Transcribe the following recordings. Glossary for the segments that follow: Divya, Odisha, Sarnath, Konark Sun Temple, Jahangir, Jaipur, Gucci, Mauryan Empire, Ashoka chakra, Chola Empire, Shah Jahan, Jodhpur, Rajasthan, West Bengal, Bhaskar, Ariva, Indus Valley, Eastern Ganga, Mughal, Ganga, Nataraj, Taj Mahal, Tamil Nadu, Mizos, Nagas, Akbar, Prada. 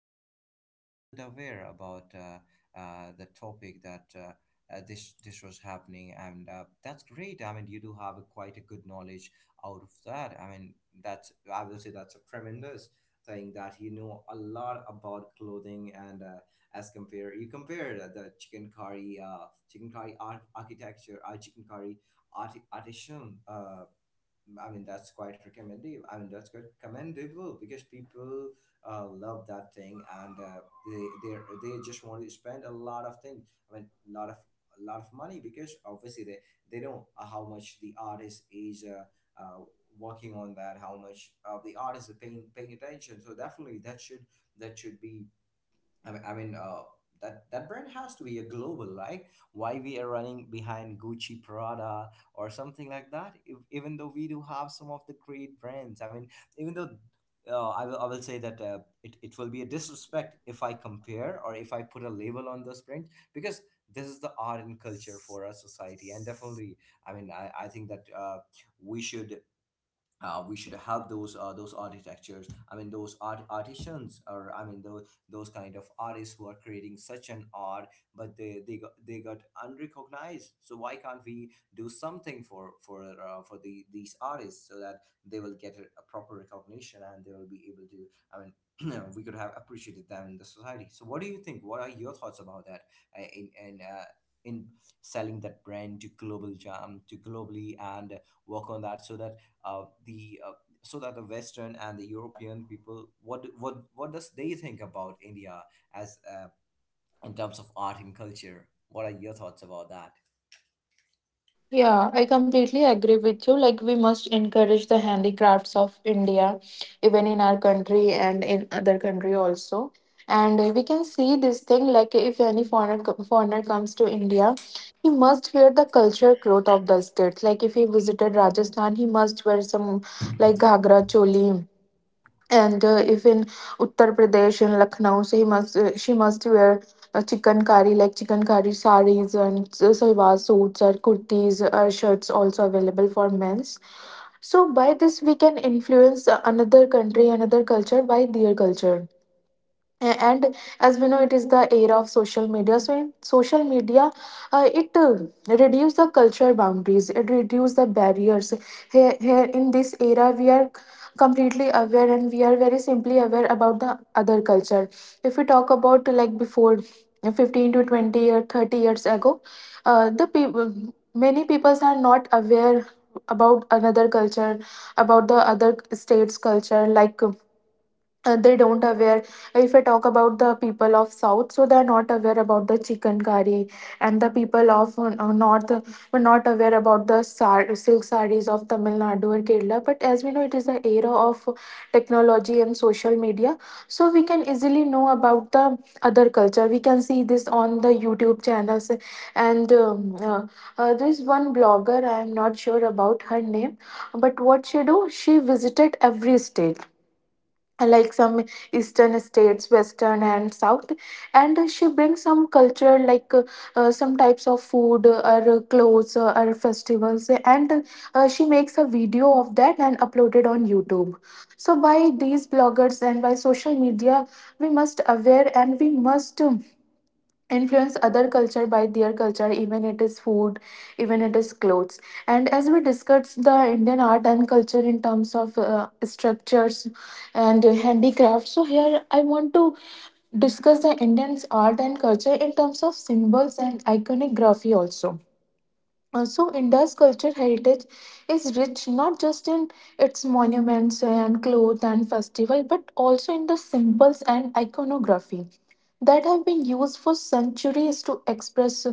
cultures, I wasn't aware about the topic that this was happening, and that's great. I mean, you do have a, quite a good knowledge out of that. I mean, that's I will say that's a tremendous thing that you know a lot about clothing and as compare you compare the chicken curry art, architecture, chicken curry art, artisan. I mean, that's quite recommendable. I mean, that's good commendable because people love that thing and uh, they they they just want to spend a lot of things. I mean, a lot of money because obviously they know how much the artist is uh, working on that, how much the artist is paying attention. So definitely that should be I mean, that brand has to be a global, right? Why we are running behind Gucci, Prada, or something like that? If, even though we do have some of the great brands, I mean, even though I will say that it it will be a disrespect if I compare or if I put a label on this brand because this is the art and culture for our society, and definitely, I mean, I think that we should we should help those architectures. I mean, those art artisans, or I mean, those kind of artists who are creating such an art, but they got, they got unrecognized. So why can't we do something for for the these artists so that they will get a proper recognition and they will be able to, I mean, we could have appreciated them in the society. So what do you think? What are your thoughts about that, uh, in in uh, in selling that brand to global jam, to globally, and work on that so that the so that the Western and the European people what what does they think about India as in terms of art and culture? What are your thoughts about that? Yeah, I completely agree with you. Like, we must encourage the handicrafts of India, even in our country and in other country also. And we can see this thing like if any foreigner foreigner comes to India, he must wear the culture cloth of the state. Like if he visited Rajasthan, he must wear some like ghagra, choli, and if in Uttar Pradesh and Lucknow, so he must she must wear a chicken curry like chicken curry saris and salwar suits or kurtis or shirts also available for men's. So by this we can influence another country, another culture by their culture. And as we know it is the era of social media, so in social media it reduce the cultural boundaries, it reduce the barriers. Here in this era we are completely aware, and we are very simply aware about the other culture. If we talk about like before 15 to 20 or 30 years ago, the people, many people are not aware about another culture, about the other states culture. Like they don't aware, if I talk about the people of south, so they're not aware about the chicken curry, and the people of north were not aware about the silk sarees of Tamil Nadu or Kerala. But as we know, it is the era of technology and social media, so we can easily know about the other culture. We can see this on the YouTube channels. And uh, there's one blogger, I am not sure about her name, but what she do, she visited every state, like some eastern states, western and south. And she brings some culture, like some types of food, or clothes, or festivals, and she makes a video of that and upload it on YouTube. So by these bloggers and by social media, we must aware, and we must influence other culture by their culture, even it is food, even it is clothes. And as we discussed the Indian art and culture in terms of structures and handicraft, so here I want to discuss the Indian art and culture in terms of symbols and iconography also. Also, India's cultural heritage is rich not just in its monuments and clothes and festival, but also in the symbols and iconography that have been used for centuries to express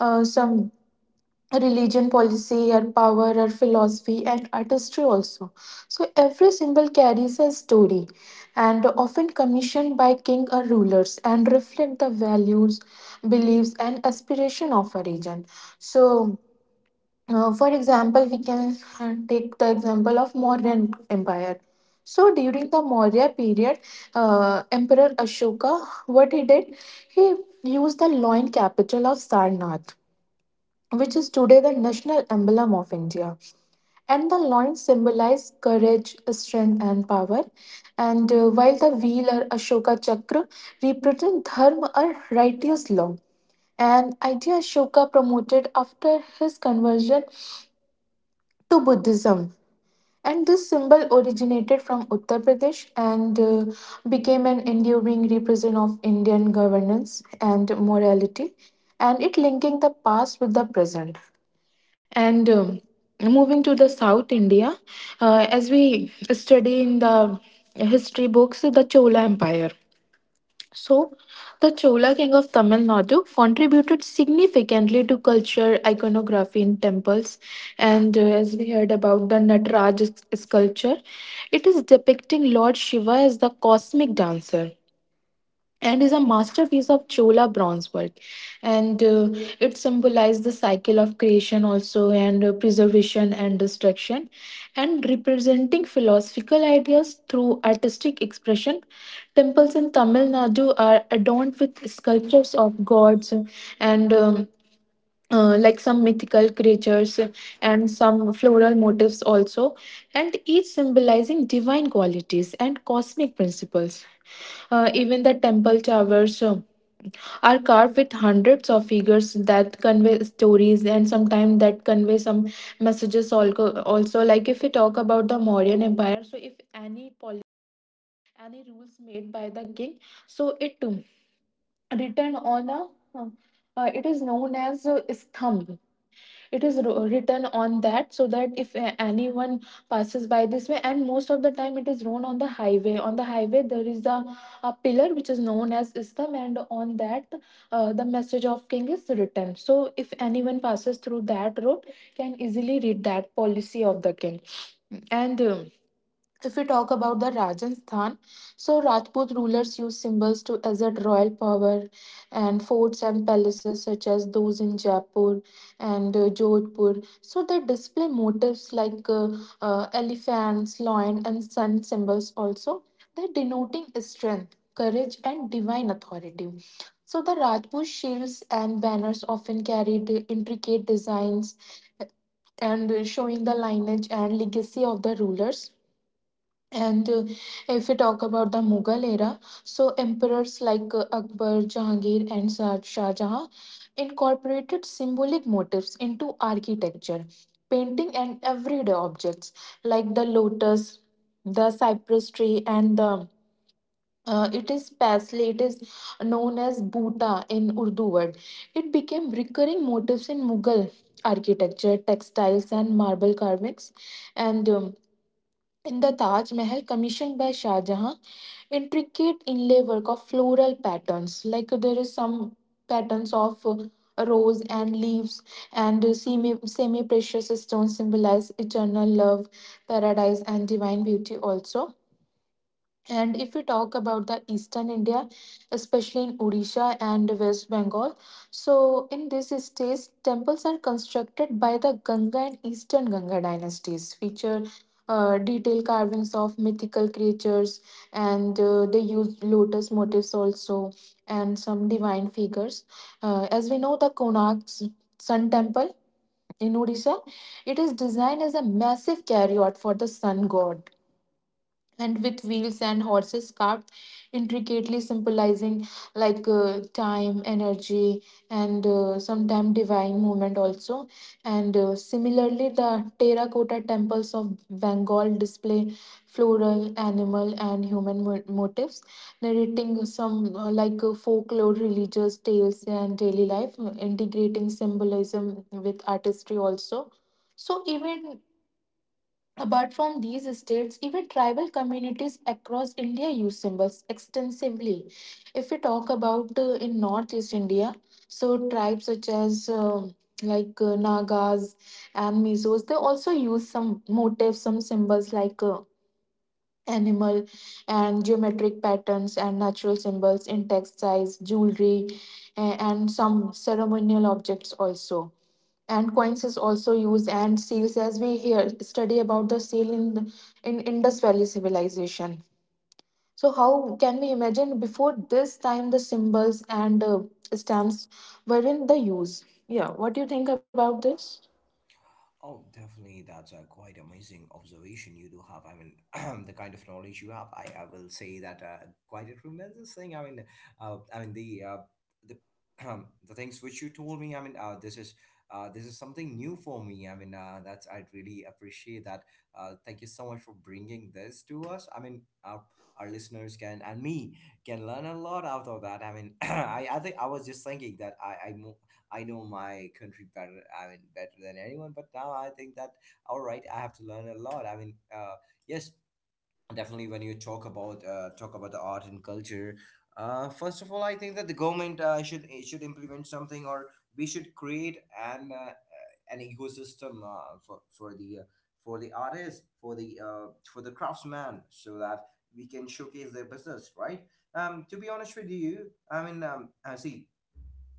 some religion policy or power or philosophy and artistry also. So every symbol carries a story and often commissioned by king or rulers and reflect the values, beliefs, and aspiration of a region. So for example, we can take the example of Mauryan Empire. So during the Maurya period, Emperor Ashoka, what he did, he used the loin capital of Sarnath, which is today the national emblem of India. And the loin symbolize courage, strength, and power. And while the wheel or Ashoka chakra represent dharma or righteous law, an idea Ashoka promoted after his conversion to Buddhism. And this symbol originated from Uttar Pradesh, and became an enduring represent of Indian governance and morality, and it linking the past with the present. And Moving to the South India, as we study in the history books, the Chola Empire. So, the Chola king of Tamil Nadu contributed significantly to culture, iconography in temples, and as we heard about the sculpture, it is depicting Lord Shiva as the cosmic dancer and is a masterpiece of Chola bronze work. And it symbolizes the cycle of creation, also, and preservation and destruction, and representing philosophical ideas through artistic expression. Temples in Tamil Nadu are adorned with sculptures of gods, and like some mythical creatures and some floral motifs also, and each symbolizing divine qualities and cosmic principles. Even the temple towers are carved with hundreds of figures that convey stories and sometimes that convey some messages also. Also, like if we talk about the Mauryan Empire, so if any policy and any rules made by the king, so it too written on a uh, it is known as sthambh, it is written on that, so that if anyone passes by this way. And most of the time it is thrown on the highway, on the highway there is a pillar which is known as istam, and on that the message of king is written, so if anyone passes through that road can easily read that policy of the king. And If we talk about the Rajasthan, so Rajput rulers used symbols to assert royal power, and forts and palaces such as those in Jaipur and Jodhpur. So they display motifs like elephants, lion, and sun symbols also. They're denoting strength, courage, and divine authority. So the Rajput shields and banners often carried intricate designs, uh, and showing the lineage and legacy of the rulers. And if we talk about the Mughal era, so emperors like Akbar, Jahangir, and Shah Jahan incorporated symbolic motifs into architecture, painting, and everyday objects like the lotus, the cypress tree, and the it is parsley. It is known as buta in Urdu word. It became recurring motifs in Mughal architecture, textiles, and marble carvings, and in the Taj Mahal, commissioned by Shah Jahan, intricate inlay work of floral patterns, like there is some patterns of rose and leaves, and semi precious stones symbolize eternal love, paradise, and divine beauty. Also, and if we talk about the eastern India, especially in Odisha and West Bengal, so in these states, temples are constructed by the Ganga and Eastern Ganga dynasties, feature detailed carvings of mythical creatures, and they use lotus motifs also and some divine figures. As we know, the Konark Sun Temple in Odisha, it is designed as a massive carryout for the sun god and with wheels and horses carved intricately, symbolizing like time, energy, and sometime divine movement also. And similarly the terracotta temples of Bengal display floral, animal, and human motifs, narrating some folklore, religious tales, and daily life, integrating symbolism with artistry also. Even apart from these states, even tribal communities across India use symbols extensively. If we talk about in Northeast India, so tribes such as Nagas and Mizos, they also use some motifs, some symbols like animal and geometric patterns and natural symbols in textiles, jewelry, and some ceremonial objects also. And coins is also used, and seals, as we hear study about the seal in the, in Indus Valley civilization. So how can we imagine before this time the symbols and stamps were in the use? Yeah, what do you think about this? Oh, definitely. That's a quite amazing observation you do have. I mean, the kind of knowledge you have, I will say that quite a tremendous thing. I mean, I mean, the the things which you told me. I mean, this is something new for me. I mean, that's I really appreciate that. Thank you so much for bringing this to us. I mean, our listeners can and me can learn a lot out of that. I mean, I think I was just thinking that I know my country better. I mean, better than anyone. But now I think that all right, I have to learn a lot. I mean, yes, definitely. When you talk about the art and culture, first of all, I think that the government should should implement something, or we should create an ecosystem for for the artist, for the craftsman, so that we can showcase their business, right? To be honest with you, I mean,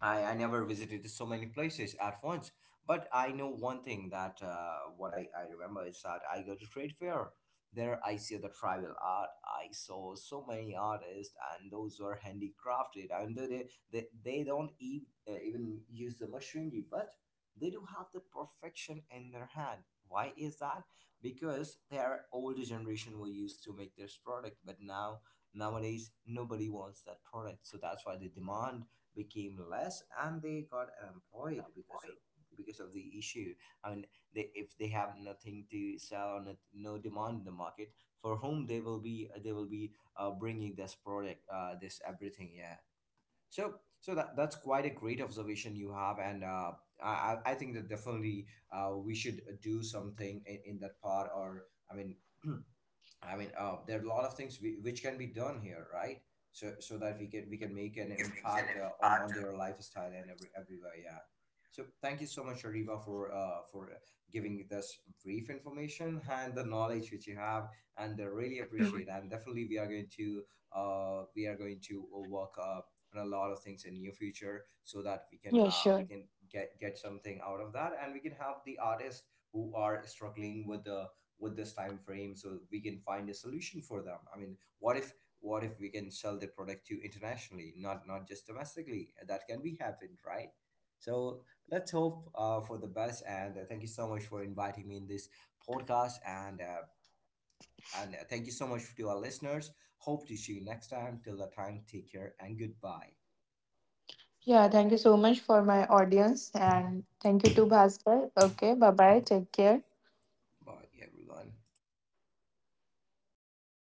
I never visited so many places at once, but I know one thing that what I remember is that I go to trade fair. There I see the tribal art. I saw so many artists, and those were handicrafted. And they don't even, even use the machinery, but they do have the perfection in their hand. Why is that? Because their older generation were used to make this product, but now nowadays nobody wants that product, so that's why they demand became less and they got unemployed because of the issue. I mean, they, if they have nothing to sell or not, no demand in the market, for whom they will be, they will be bringing this product, this everything. Yeah. So, so that that's quite a great observation you have, and uh, I think that definitely we should do something in that part. Or I mean, I mean, there are a lot of things we, which can be done here, right? So so that we can make an impact on their lifestyle and every everywhere. Yeah. So thank you so much, Ariva, for giving this brief information and the knowledge which you have, and I really appreciate. And definitely, we are going to we are going to work on a lot of things in near future so that Yeah, sure. we can get something out of that and we can help the artists who are struggling with the with this time frame, so we can find a solution for them. I mean, what if we can sell the product to internationally, not just domestically? That can be happened, right? So let's hope for the best, and thank you so much for inviting me in this podcast, and thank you so much to our listeners. Hope to see you next time. Till that time, take care, and goodbye. Yeah, thank you so much for my audience and thank you to Bhaskar. Okay, bye bye. Take care. By everyone.